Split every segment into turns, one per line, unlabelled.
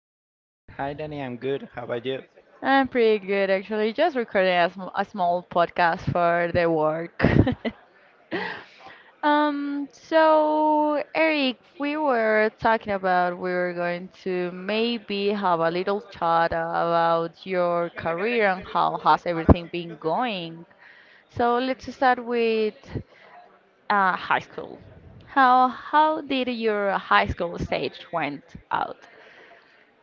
you?
Hi, Danny. I'm good. How about you?
I'm pretty good actually. Just recording a, a small podcast for the work. So Eric, we were talking about we were going to maybe have a little chat about your career and how has everything been going. So let's start with high school. How did your high school stage went out?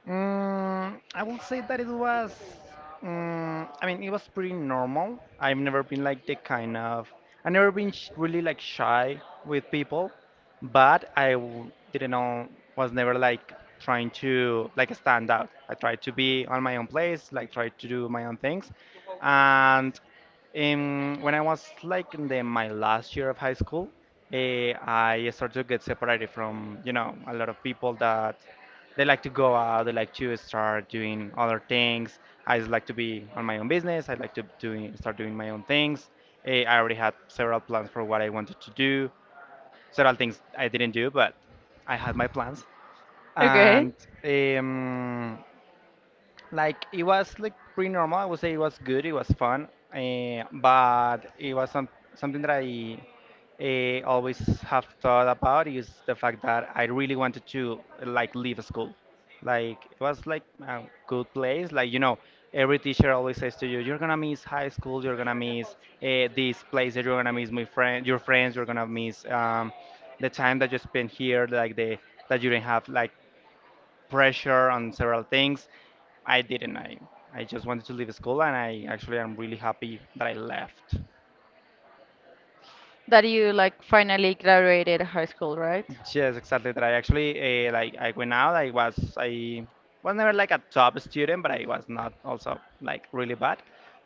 I will say that it was, I mean, it was pretty normal. I've never been sh really like shy with people, but I w didn't know, was never like trying to like stand out. I tried to be on my own place, like tried to do my own things. And when I was like in my last year of high school, uh, I started to get separated from, a lot of people that they like to go out, they like to start doing other things. I just like to be on my own business. I like to doing, start doing my own things. I already had several plans for what I wanted to do. Several things I didn't do, but I had my plans.
Okay.
And um, like it was like pretty normal. I would say it was good. It was fun, but it was something that I always have thought about is the fact that I really wanted to like leave school. Like it was like a good place. Like, every teacher always says to you, "You're gonna miss high school. You're gonna miss this place. That you're gonna miss your friends. You're gonna miss the time that you spent here. Like the that you didn't have like pressure on several things." I didn't. I just wanted to leave school, and I actually am really happy that I left.
That you like finally graduated high school, right?
Yes, exactly. That I actually like I went out. I was never like a top student, but I was not also like really bad.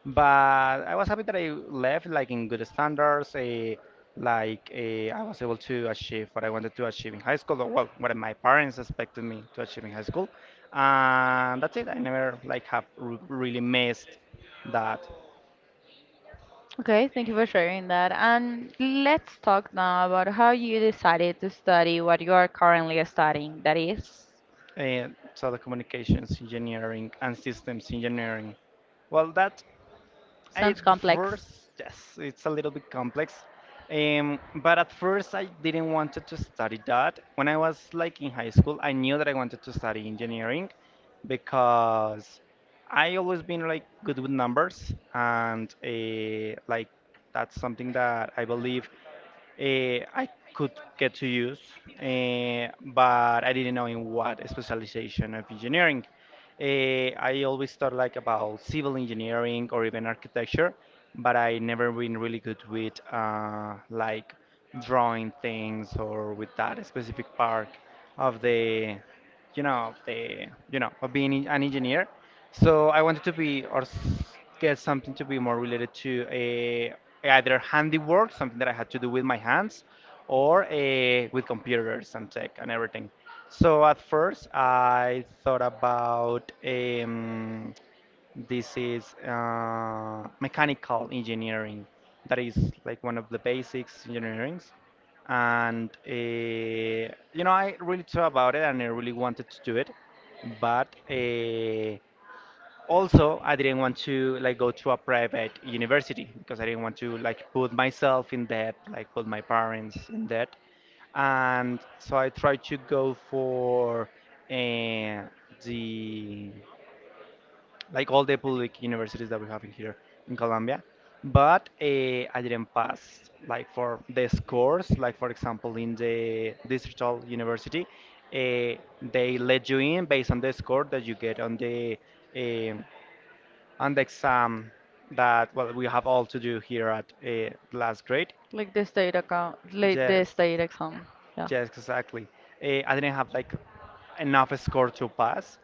But I was happy that I left like in good standards. Like I was able to achieve what I wanted to achieve in high school, or well, what my parents expected me to achieve in high school. And that's it. I never like have r really missed that.
Okay, thank you for sharing that. And let's talk now about how you decided to study what you are currently studying. That is,
Uh, Telecommunications engineering and systems engineering. Well, that At
sounds complex,
first, yes, it's a little bit complex. But at first, I didn't wanted to study that. When I was like in high school, I knew that I wanted to study engineering because I always been like good with numbers, and like that's something that I believe, I could get to use, but I didn't know in what specialization of engineering. I always thought like about civil engineering or even architecture, but I never been really good with like drawing things or with that specific part of the you know of being an engineer, so I wanted to be or get something to be more related to a either handiwork, something that I had to do with my hands, or a with computers and tech and everything. So at first I thought about this is mechanical engineering, that is like one of the basics engineering. And I really thought about it and I really wanted to do it, but also I didn't want to like go to a private university because I didn't want to like put myself in debt, like put my parents in debt. And so I tried to go for uh, the like all the public universities that we have in here in Colombia. But I didn't pass, like for the scores, like for example in the digital university, they let you in based on the score that you get on um the exam that well we have all to do here at last grade.
like the state account, like the
Yes,
state exam. Yeah.
yes, exactly. I didn't have like enough score to pass,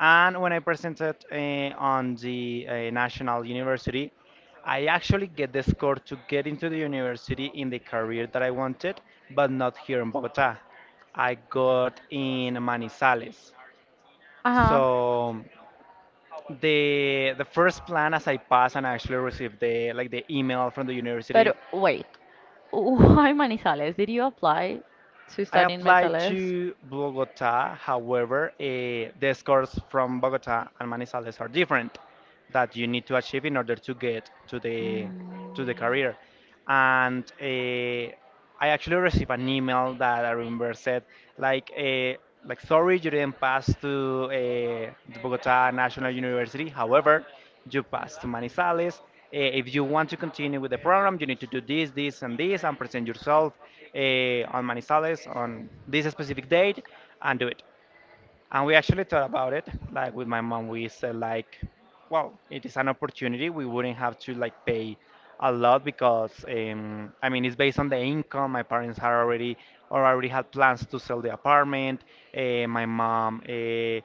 and when I presented on the national university, I actually get the score to get into the university in the career that I wanted, but not here in Bogota. I got in Manizales.
Uh huh.
So the first plan as I passed and I actually received the email from the university,
But wait, why Manizales? Did you apply to
I
study in
applied
Manizales?
to Bogota. However, the scores from Bogota and Manizales are different. That you need to achieve in order to get to the career. And I actually received an email that I remember said like uh, like sorry you didn't pass to uh, the Bogota National University. However, you passed to Manizales. Uh, if you want to continue with the program, you need to do this, this, and this, and present yourself
Mm.
on Manizales on this specific date, and do it. And we actually thought about it. Like with my mom, we said like, well, it is an opportunity. We wouldn't have to like pay a lot because I mean it's based on the income. My parents had already or already had plans to sell the apartment. My mom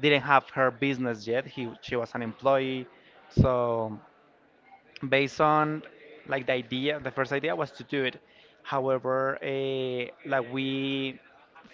didn't have her business yet. She was an employee, so based on like the first idea was to do it. However, like we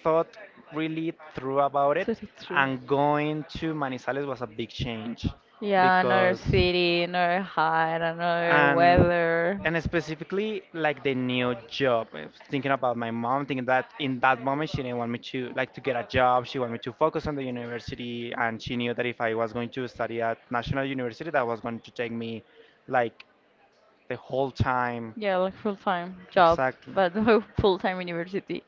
thought really through about it,
That's true.
and going to Manizales was a big change,
Yeah, another
because
city, another height, another
and
weather.
and specifically like the new job, thinking about my mom, thinking that in that moment she didn't want me to get a job. She wanted me to focus on the university, and she knew that if I was going to study at national university, that was going to take me like the whole time.
Yeah, like full time job,
Exactly.
but full time university.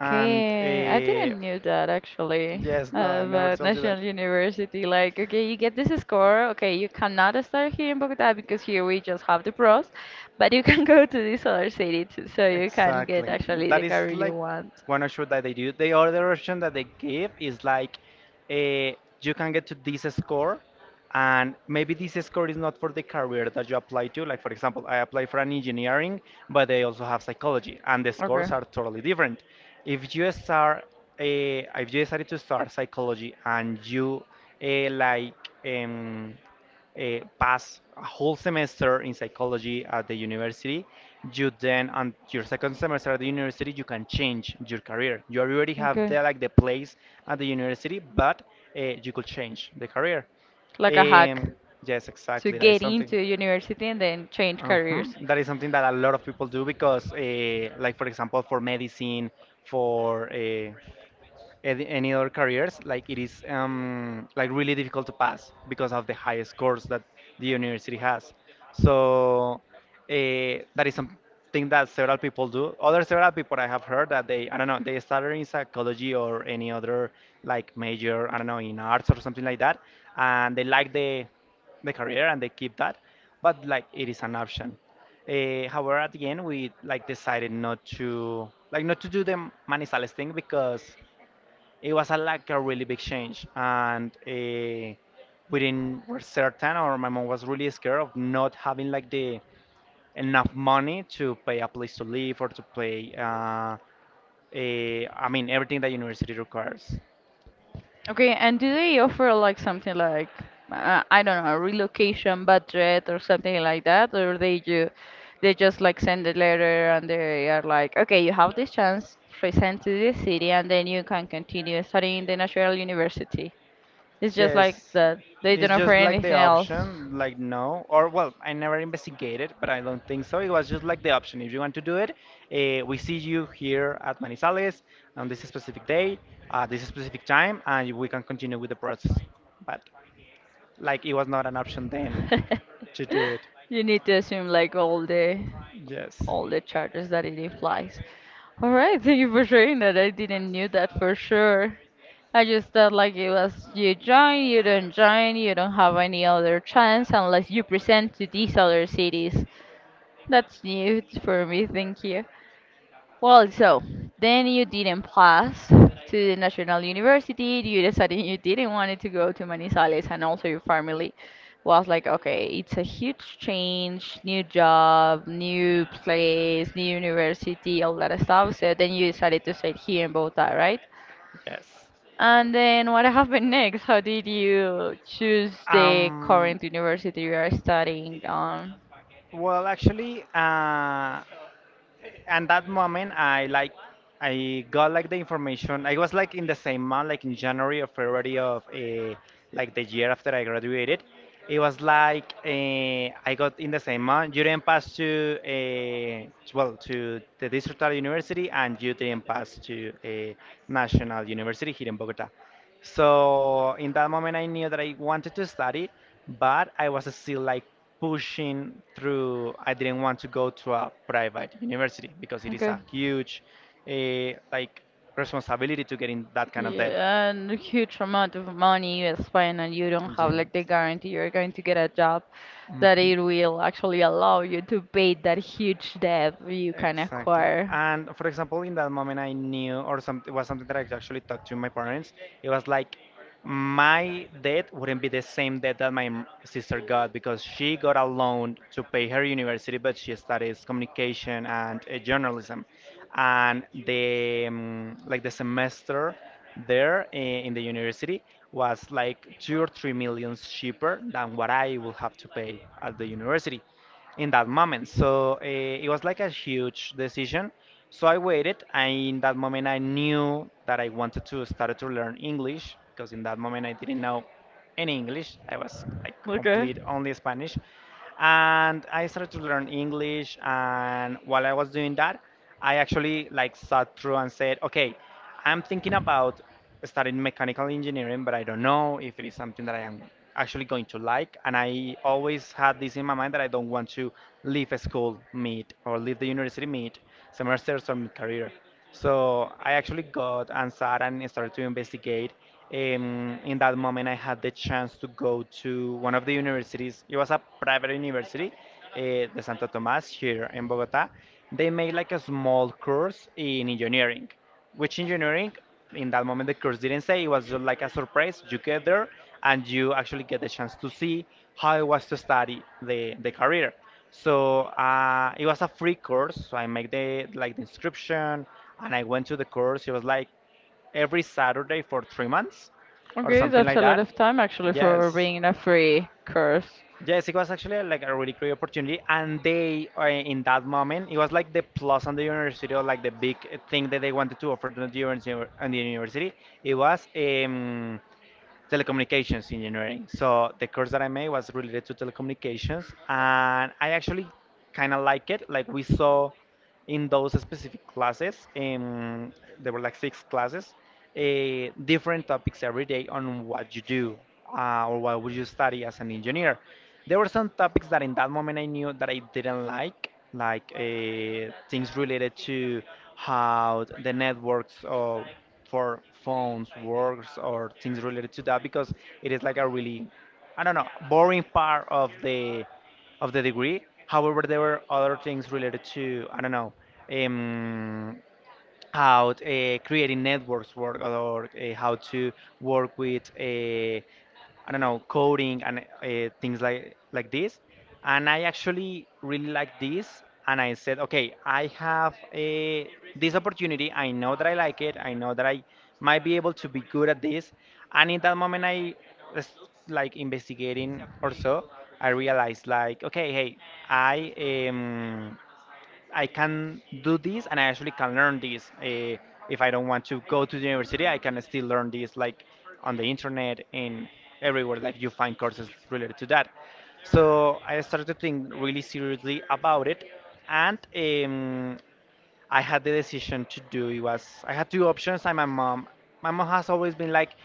And
I
uh,
didn't knew that actually
yes, no, I never
about
told you that.
National University. Like, okay, you get this score. Okay, you cannot start here in Bogota because here we just have the pros, but you can go to this other city too, so you can get
Exactly.
actually the
That is
career you
like
want.
one option that they do. The other option that they give is like uh, you can get to this score, and maybe this score is not for the career that you apply to. Like, for example, I apply for an engineering, but they also have psychology, and the scores are totally different. If you start, if you decided to start psychology, and you like, um, pass a whole semester in psychology at the university, you then on your second semester at the university you can change your career. You already
Okay.
have
Okay.
the place at the university, but you could change the career.
Like a hack
Um, yes,
to
exactly. That is
get
something.
into university and then change
Uh-huh.
careers.
Is something that a lot of people do because, like for example, for medicine, for any other careers, like it is like really difficult to pass because of the high scores that the university has. So, that is something that several people do. Other several people I have heard that they, I don't know, they started in psychology or any other like major, I don't know, in arts or something like that, and they like the career and they keep that, but like it is an option. However, at the end we like decided not to do the Manizales thing because it was a, like a really big change, and we didn't were certain, or my mom was really scared of not having like the enough money to pay a place to live or to pay. I mean, everything that university requires.
Okay, and do they offer like something like I don't know, relocation budget or something like that, or they ju they just like send a letter and they are like, okay, you have this chance, present to the city, and then you can continue studying in the national university. It's just
Yes,
like that. They don't
it's
offer
just like the
anything else.
option, like no, or well, I never investigated, but I don't think so. It was just like the option. If you want to do it, we see you here at Manizales on this specific day, at this specific time, and we can continue with the process. But like it was not an option then to do it.
You need to assume like
Yes,
all the charges that it implies. All right, thank you for sharing that. I didn't knew that for sure. I just thought like it was you join, you don't have any other chance unless you present to these other cities. That's new for me. Thank you. Well, so then you didn't pass to the National University. You decided you didn't want to go to Manizales, and also your family was like, okay, it's a huge change, new job, new place, new university, all that stuff. So then you decided to stay here in Bogota, right?
yes.
And then what happened next? How did you choose the
Um,
current university you are studying on?
well, actually, and that moment I got like the information. I was like in the same month, like in January or February of like the year after I graduated. It was like I got in the same month you didn't pass to well to the distrital university, and you didn't pass to a national university here in Bogota. So in that moment, I knew that I wanted to study, but I was still like pushing through. I didn't want to go to a private university because it is
Okay.
a huge, like, responsibility to get in that kind of debt.
Yeah, and a huge amount of money you spend, and you don't have like the
Yes.
guarantee you're going to get a job that
Mhm.
it will actually allow you to pay that huge debt you can
Exactly.
acquire.
And for example, in that moment, I knew, it was something that I actually talked to my parents. It was like my debt wouldn't be the same debt that my sister got because she got a loan to pay her university, but she studies communication and journalism. And the like the semester there in the university was like two or three millions cheaper than what I will have to pay at the university in that moment. So it was like a huge decision. So I waited, and in that moment I knew that I wanted to start to learn English because in that moment I didn't know in English. I was like
Okay.
complete only Spanish. And I started to learn English, and while I was doing that, I actually like sat through and said, "Okay, I'm thinking about studying mechanical engineering, but I don't know if it is something that I am actually going to like." And I always had this in my mind that I don't want to leave a school mid or leave the university mid semesters or mid career. So I actually got answered and started to investigate. In that moment, I had the chance to go to one of the universities. It was a private university, the Santo Tomás here in Bogota. They made like a small course in engineering, which engineering, in that moment, the course didn't say. It was just like a surprise. You get there and you actually get the chance to see how it was to study the career. So it was a free course. So I made the like the inscription, and I went to the course. It was like every Saturday for 3 months, or
Okay,
something
that's
like
a lot
that.
of time actually for
Yes,
being in a free course.
yes, it was actually like a really great opportunity. And they, in that moment, it was like the plus on the university, or like the big thing that they wanted to offer to the university. And the university, it was telecommunications engineering. So the course that I made was related to telecommunications, and I actually kind of like it. Like we saw in those specific classes, there were like six classes, different topics every day on what you do or what would you study as an engineer. There were some topics that in that moment I knew that I didn't like things related to how the networks of, for phones works or things related to that because it is like a really, I don't know, boring part of the degree. However, there were other things related to, I don't know, um, how creating networks work, or how to work with, I don't know, coding and things like this. And I actually really like this. And I said, okay, this opportunity. I know that I like it. I know that I might be able to be good at this. And in that moment, I was like investigating or so. I realized like, okay, hey, I am. I can do this, and I actually can learn this. If I don't want to go to the university, I can still learn this like on the internet and everywhere. Like you find courses related to that. So I started to think really seriously about it, and I had the decision to do it was I had two options, and my mom has always been like,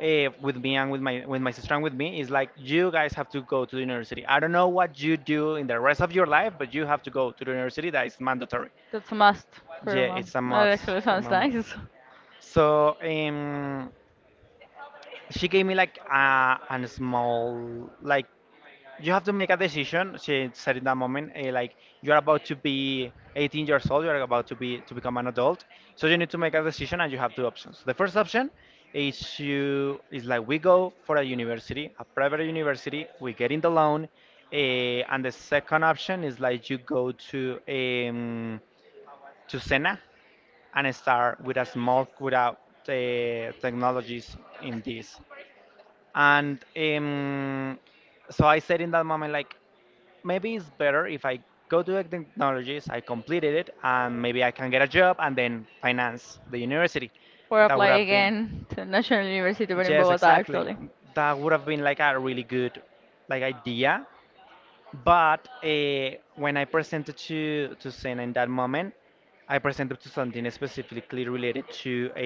with me and with my sister and with me, is like, you guys have to go to the university. I don't know what you do in the rest of your life, but you have to go to the university. That is mandatory.
That's a must for a
Yeah,
month.
it's a
That
must
actually
for
sounds
my mom.
nice.
So she gave me like a small like, you have to make a decision since said in that moment, like you're about to be 18 years old, you're about to become an adult, so you need to make a decision, and you have two options. The first option is you is like we go for a university, a private university, we get in the loan, and the second option is like you go to, to Sena, and start with a technologies in this, and so I said in that moment like, maybe it's better if I go to the technologies, I completed it, and maybe I can get a job and then finance the university.
Or
That
apply
would have been,
again to National University, but in
yes,
Bogota
exactly.
actually.
That would have been like a really good like idea. But when I presented to Sen in that moment, I presented to something specifically related to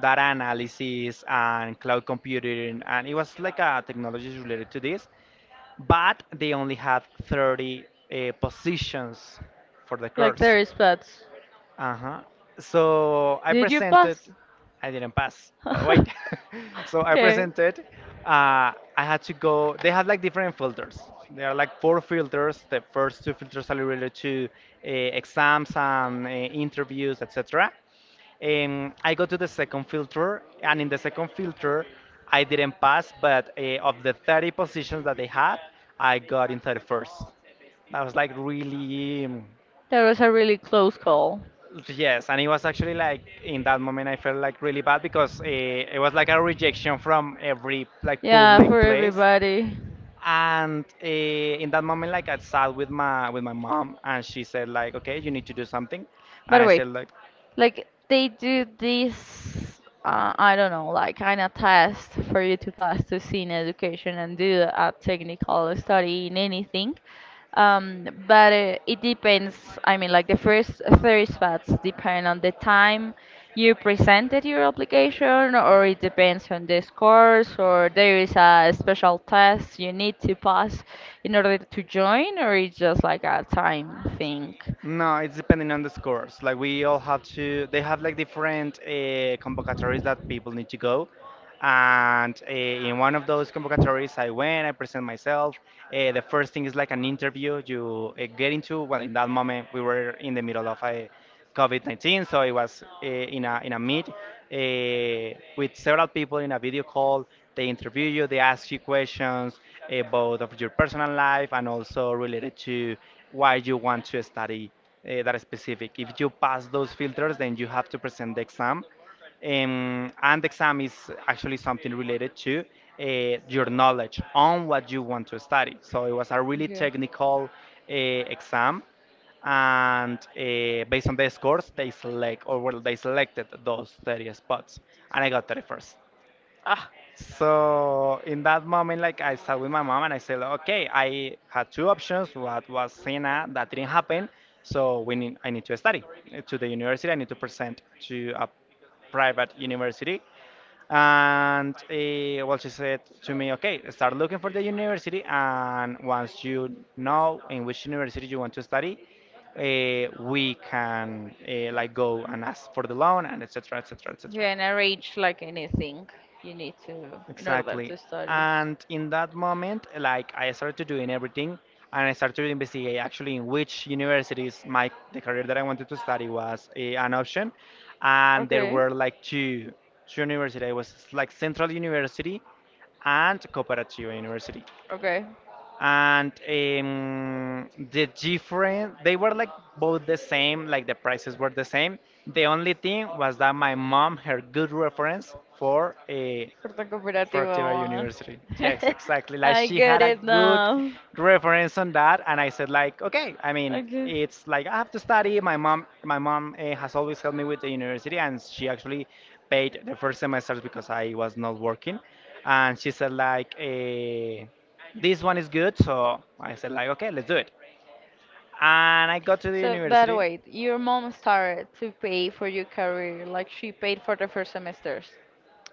data analysis and cloud computing, and it was like a technologies related to this, but they only have 30 positions for the
Like
course.
there is plats.
Uh-huh. So I
Did you
presented,
pass?
I didn't pass, but wait. So I presented, I had to go, they had like different filters. There are like four filters. The first two filters are related to
okay.
exams and interviews, etc. I go to the second filter, and in the second filter, I didn't pass, but of the 30 positions that they had, I got in 31st. I was like really,
That was a really close call.
yes, and it was actually like in that moment I felt like really bad because it was like a rejection from every like
Yeah,
public
for
place.
everybody.
And in that moment, like I sat with my mom, and she said like, okay, you need to do something,
By
and
the
I
way,
said like,
like they do this, I don't know, like kind of test for you to pass to scene education and do a technical study in anything. But it depends. I mean, like the first three spots depend on the time you presented your application, or it depends on the scores, or there is a special test you need to pass in order to join, or it's just like a time thing.
no, it's depending on the scores. Like we all have to, they have like different convocatories that people need to go. And in one of those convocatories, I went, I present myself. The first thing is like an interview. You get into, well, in that moment, we were in the middle of a, COVID-19. So it was in a meet with several people in a video call. They interview you. They ask you questions about of your personal life and also related to why you want to study that specific. If you pass those filters, then you have to present the exam. And the exam is actually something related to your knowledge on what you want to study. So it was a really
Okay.
technical exam, and based on the scores, they select, or well, they selected those 30 spots, and I got 31st.
Ah,
So in that moment, like, I sat with my mom, and I said, okay, I had two options. What was Cena, that didn't happen. So we need, I need to study, to the university, I need to present to a private university. And well, she said to me, okay, start looking for the university. And once you know in which university you want to study, we can, like go and ask for the loan and etc. etc.
you
etc.
can arrange like anything you need to in order
Exactly.
to study.
And in that moment, like, I started doing everything, and I started to investigate actually in which universities my the career that I wanted to study was, an option. And there
Okay.
were like two universities. It was like Central University and Cooperativa University.
Okay.
And the different, they were like both the same, like the prices were the same. The only thing was that my mom, her good reference for,
For the cooperative
Fertitta
one.
University. Yes, exactly. Like,
I
she
get
had a
it
good
now.
reference on that, and I said like, okay. I mean,
Okay.
it's like I have to study. My mom has always helped me with the university, and she actually paid the first semesters because I was not working, and she said like, this one is good. So I said like, okay, let's do it. And I got to the
So, but
university,
wait, your mom started to pay for your career, like she paid for the first semesters.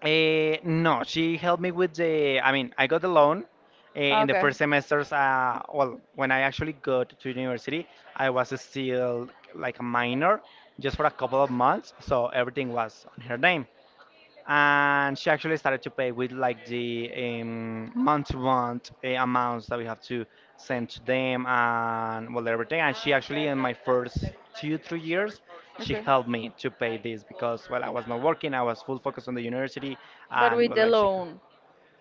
No, she helped me with the. I mean, I got the loan in the
Okay.
first semesters. Well, when I actually got to university, I was still like a minor, just for a couple of months. So everything was on her name, and she actually started to pay with like the month-to-month amounts that we have to send to them, and well, everything. And she actually in my first two three years, she
Okay.
helped me to pay this because, well, I was not working, I was full focus on the university,
But with
and
like,
well,
the
like,
loan.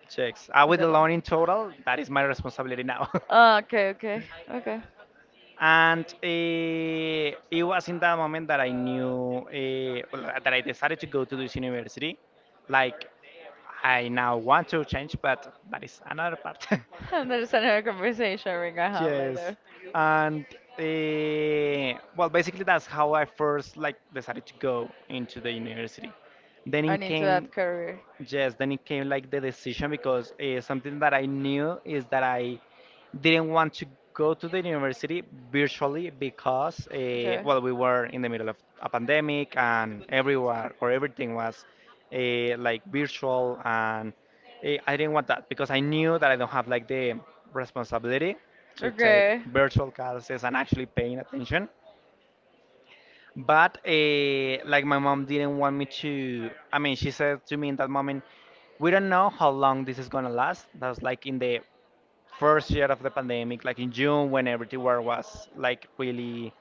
checks. Uh,
With
with
the
the loan
loan.
in total, that is my responsibility now.
Ah, okay, okay, okay.
And it was in that moment that I knew, well, that I decided to go to this university. Like, I now want to change, but that is another part.
And there's another conversation we're gonna have
Yes,
later.
and well, basically that's how I first like decided to go into the university. Then in
And into
came
that career.
Yes, then it came like the decision because something that I knew is that I didn't want to go to the university virtually because,
Okay.
well, we were in the middle of a pandemic and everywhere or everything was like virtual, and I didn't want that because I knew that I don't have like the responsibility to take
Okay.
virtual classes and actually paying attention. But like my mom didn't want me to. I mean, she said to me in that moment, "We don't know how long this is gonna last." That was like in the first year of the pandemic, like in June when everything was like really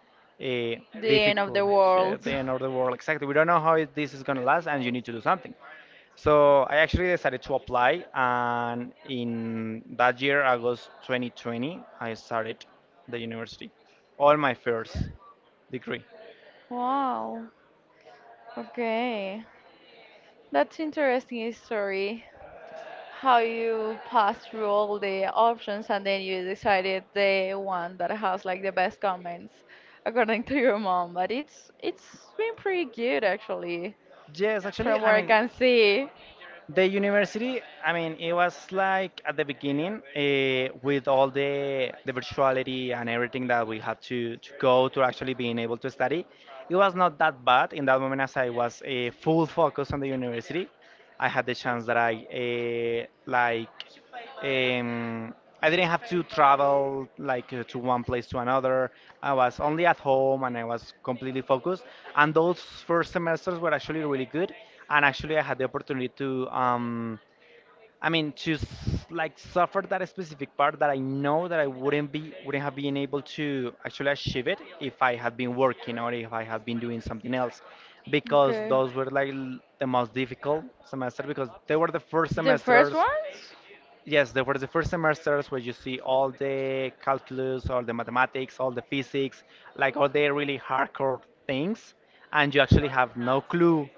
uh,
The end of
difficult.
the
Yeah,
world.
the end of the world, exactly. We don't know this is gonna last, and you need to do something. So I actually decided to apply, and in that year, August 2020, I started the university, all my first degree.
Wow. Okay. That's interesting story. How you pass through all the options and then you decided the one that has like the best comments according to your mom. But it's been pretty good actually
Yes, actually,
from
I
what I
mean,
can see.
the university, I mean, it was like at the beginning with all the virtuality and everything that we had to go to actually being able to study. It was not that bad in that moment as I was full focus on the university. I had the chance that I like um, I didn't have to travel like to one place to another. I was only at home and I was completely focused. And those first semesters were actually really good. And actually, I had the opportunity to, I mean, to like suffer that specific part that I know that I wouldn't have been able to actually achieve it if I had been working or if I had been doing something else, because
Okay.
those were like the most difficult semester, because they were the first
The first
semesters.
ones?
Yes, there were the first semesters where you see all the calculus, all the mathematics, all the physics, like all the really hardcore things, and you actually have no clue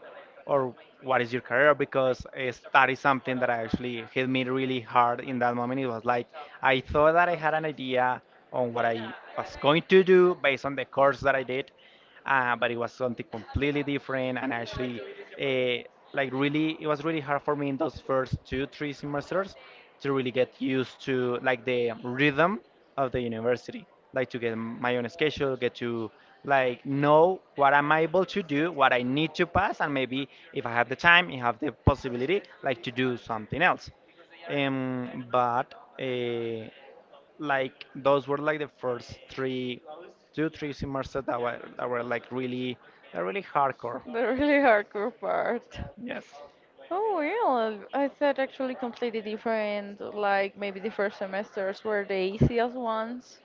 or what is your career, because that is something that actually hit me really hard in that moment. It was like I thought that I had an idea on what I was going to do based on the course that I did, but it was something completely different, and actually uh, like really it was really hard for me in those first two three semesters to really get used to like the rhythm of the university, like to get my own schedule, get to like know what I'm able to do, what I need to pass, and maybe if I have the time, if I have the possibility, like to do something else. Um, but uh, like those were like the first three, two three semesters that were like really, that really hardcore.
The really hardcore part.
Yes.
Oh, real. I thought actually completely different, like maybe the first semesters were the easiest ones.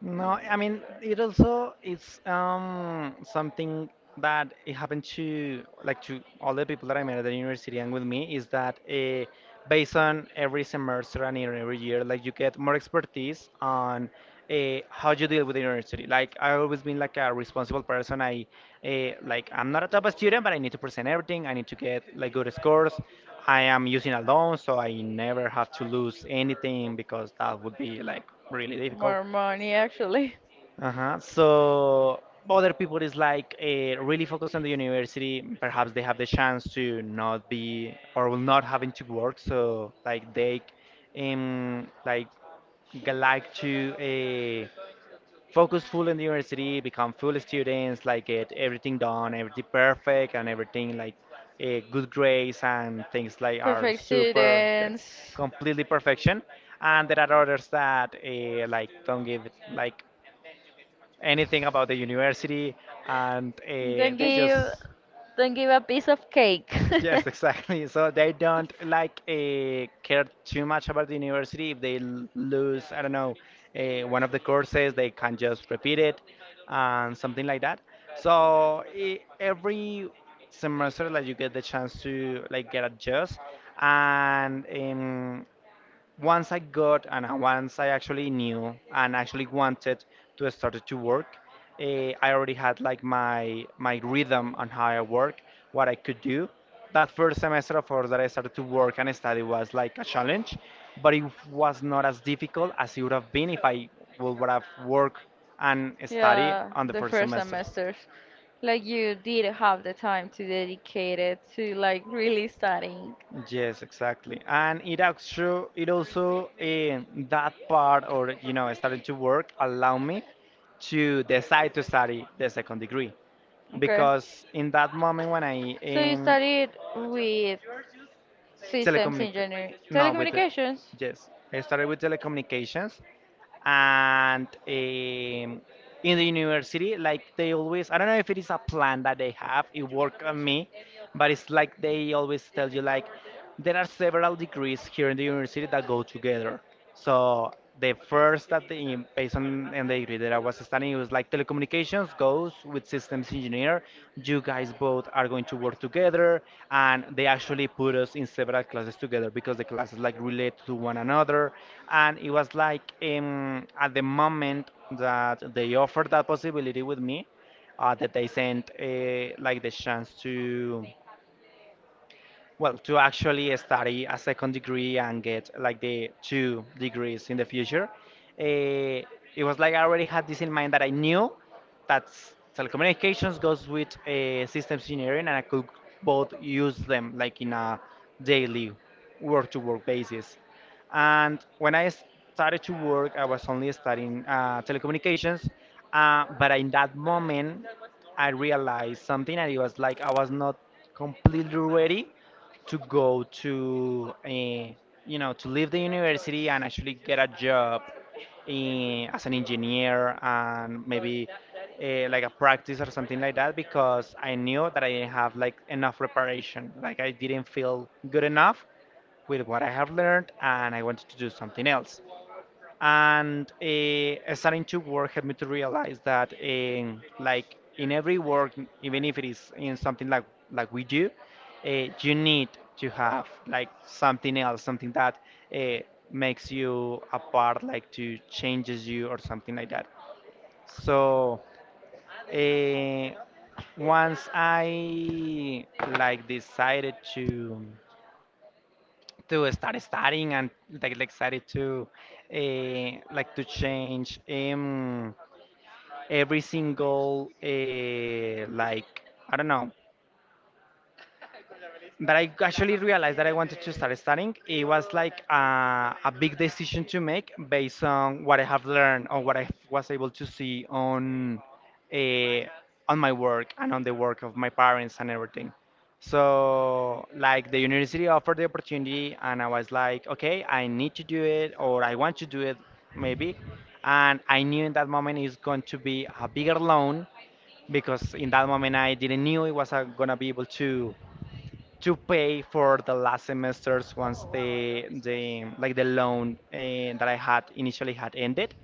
No, I mean, it also is something that it happened to, like, to all the people that I met at the university, and with me is that based on every semester and in every year, like you get more expertise on how you deal with the university. Like I always been like a responsible person. I like I'm not a top student, but I need to present everything. I need to get like good scores. I am using a loan, so I never have to lose anything because that would be like really difficult.
More money, actually.
Uh-huh. So other people is like really focused on the university. Perhaps they have the chance to not be or will not having to work. So like they like like to focus full in the university, become full students, like get everything done, everything perfect, and everything like good grades, and things like are
Perfect
super, yeah,
students.
completely perfection. And there are others that like don't give it
Like
like anything about the university, and
don't like
they
give
just.
don't give a piece of cake.
Yes, exactly, so they don't like care too much about the university. If they lose, I don't know, one of the courses, they can just repeat it, and something like that. So every semester like you get the chance to like get adjust, and once I got and once I actually knew and actually wanted to start to work, I already had like my rhythm on how I work, what I could do. That first semester, of course, that I started to work and study was like a challenge, but it was not as difficult as it would have been if I would have worked and study
Yeah,
on the
the
first
first
semesters.
semesters. Like you did have the time to dedicate it to like really studying.
Yes, exactly. And it also in that part, or starting to work allow me to decide to study the second degree,
Okay.
because in that moment when I
So you
in
studied with systems
telecommunic
engineering.
no, with it.
Telecommunications?
Yes, I started with telecommunications, and in the university, like they always, I don't know if it is a plan that they have it worked on me, but it's like they always tell you like there are several degrees here in the university that go together. So the first that the based on, and the degree that I was studying, it was like telecommunications goes with systems engineer. You guys both are going to work together, and they actually put us in several classes together because the classes like relate to one another. And it was like at the moment that they offered that possibility with me, that they sent, like the chance to, well, to actually study a second degree and get like the two degrees in the future. uh, it was like I already had this in mind, that I knew that telecommunications goes with systems engineering, and I could both use them like in a daily work to work basis. And when I started to work, I was only studying telecommunications, but in that moment I realized something, and it was like I was not completely ready to go to a, you know to leave the university and actually get a job as an engineer, and maybe like a practice or something like that, because I knew that I didn't have like enough preparation, like I didn't feel good enough with what I have learned, and I wanted to do something else. And starting to work helped me to realize that in every work, even if it is in something like like we do, you need to have like something else, something that uh, makes you apart, like to changes you, or something like that. So uh, once I like decided to start studying, and like decided to like to change, every single like, I don't know, but I actually realized that I wanted to start studying. It was like a big decision to make based on what I have learned or what I was able to see on, uh, my work, and on the work of my parents, and everything. So like the university offered the opportunity, and I was like, okay, I need to do it, or I want to do it, maybe. And I knew in that moment it's going to be a bigger loan, because in that moment I didn't knew it was gonna be able to pay for the last semesters once the loan that I had initially had ended.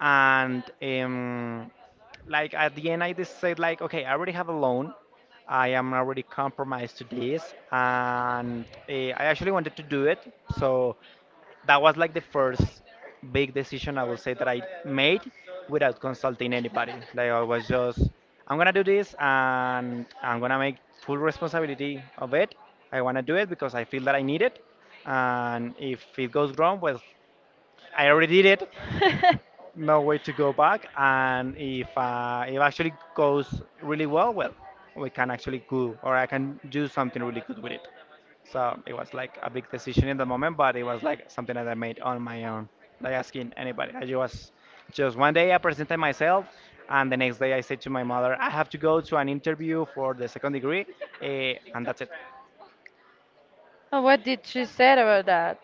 And like at the end I just said like, okay, I already have a loan, I am already compromised to this, and I actually wanted to do it. So that was like the first big decision, I would say, that I made without consulting anybody. Like I was just, I'm gonna do this and I'm gonna make full responsibility of it. I wanna do it because I feel that I need it. And if it goes wrong, well, I already did it. No way to go back. And if it actually goes really well, well, we can actually go, or I can do something really good with it. So it was like a big decision in the moment, but it was like something that I made on my own, like asking anybody. I ju- was Just one day I presented myself, and the next day I said to my mother, I have to go to an interview for the second degree, and that's it.
And what did she say about that?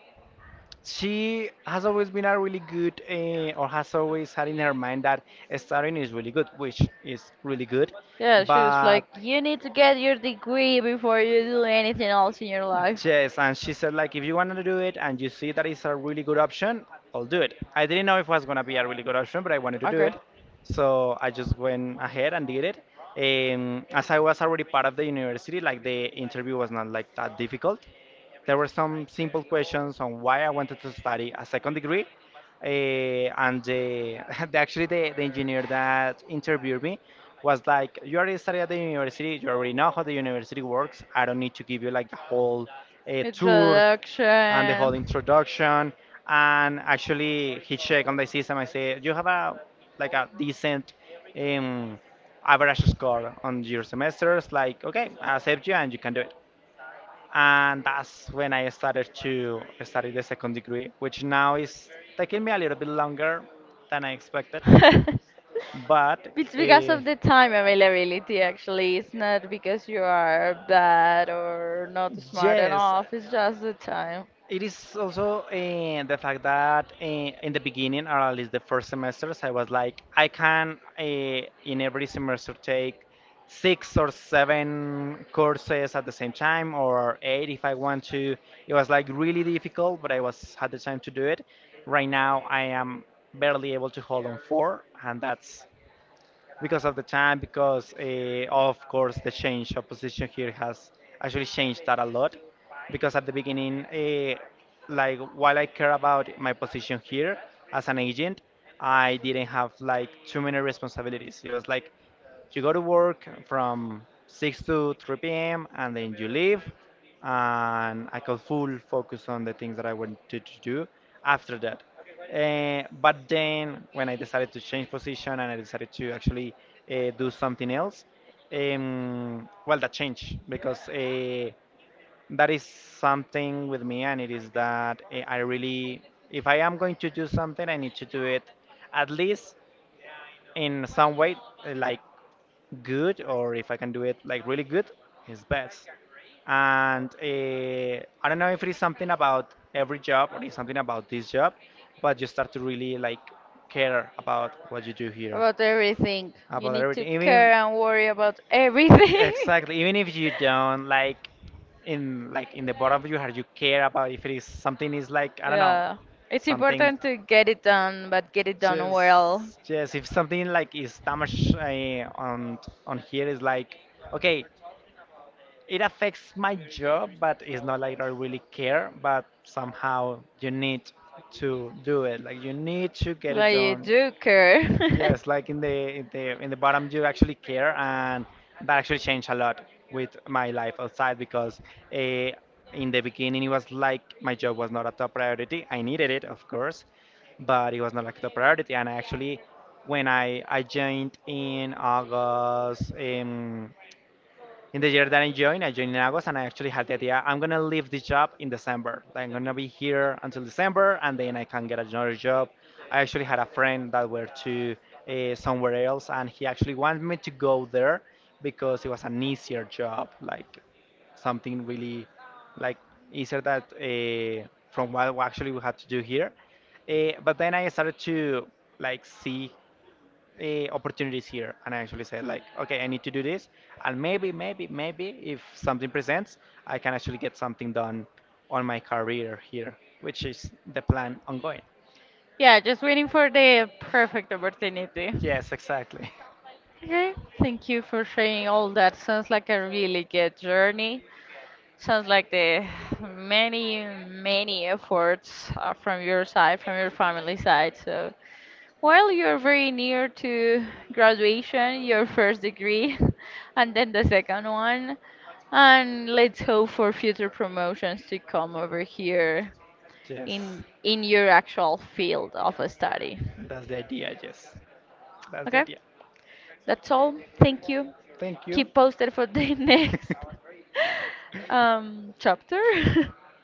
She has always been a really good, or has always had in her mind that studying is really good, which is really good,
Yeah, she was
but.
like, you need to get your degree before you do anything else in your life.
Yes, and she said, like, if you want to do it and you see that it's a really good option, I'll do it. I didn't know if it was gonna be a really good option, but I wanted to do
Okay.
it, so I just went ahead and did it. As I was already part of the university, like the interview was not like that difficult, there were some simple questions on why I wanted to study a second degree. And actually, the engineer that interviewed me was like, "You already studied at the university, you already know how the university works. I don't need to give you like the whole tour and the whole
Introduction.
introduction." And actually, he checked on the system. I said, "You have a decent um, average score on your semesters." Like, okay, I accept you and you can do it, and that's when I started to study the second degree, which now is taking me a little bit longer than I expected.
I expected.
But
It's because
uh,
of the time availability, actually. It's not because you are bad or not smart yeah,
yes,
enough. It's just the time.
it is also the fact that in the beginning, or at least the first semesters, I was like, I can in every semester take six or seven courses at the same time, or eight if I want to. It was like really difficult, but I was had the time to do it. Right now, I am barely able to hold on four, and that's because of the time, because of course the change of position here has actually changed that a lot. Because at the beginning, like while I care about my position here as an agent, I didn't have like too many responsibilities. It was like you go to work from 6 to 3 p.m. and then you leave. And I could full focus on the things that I wanted to do after that. But then when I decided to change position and I decided to actually do something else. Well, that changed because that is something with me, and it is that I really, if I am going to do something, I need to do it at least in some way, like good, or if I can do it like really good, it's best. And I don't know if it is something about every job or it's something about this job, but you start to really like care about what you do here,
About everything. You
about
need to
everything. Even
care and worry about everything.
exactly, even if you don't like, in like in the bottom of your heart, you care about if it is something is like, I don't know,
Yeah, it's
something
important to get it done, but get it done
just
well.
just if something like is damaged on here is like, okay, it affects my job, but it's not like I really care. But somehow you need to do it. Like you need to get it
Like you
done.
do care.
Yes, like in the in the bottom, you actually care, and that actually changed a lot with my life outside because uh, in the beginning it was like my job was not a top priority. I needed it, of course, but it was not like a top priority. And I actually, when I joined in August. In the year that I joined in August, and I actually had the idea I'm gonna leave the job in December. Like, I'm gonna be here until December, and then I can get another job. I actually had a friend that were to somewhere else, and he actually wanted me to go there because it was an easier job, like something really, like easier that from what we actually we had to do here. But then I started to like see opportunities here, and I actually said like, okay, I need to do this, and maybe if something presents I can actually get something done on my career here, which is the plan ongoing.
Yeah, just waiting for the perfect opportunity. Yes,
Yes, exactly.
okay, thank you for sharing all that. Sounds like a really good journey. Sounds like the many, many efforts from your side, from your family side. So well, you're very near to graduation, your first degree, and then the second one. And let's hope for future promotions to come over here
Yes,
in your actual field of study.
that's the idea. Yes, that's the
Okay?
idea.
That's all. Thank you.
Thank you.
Keep posted for the next chapter.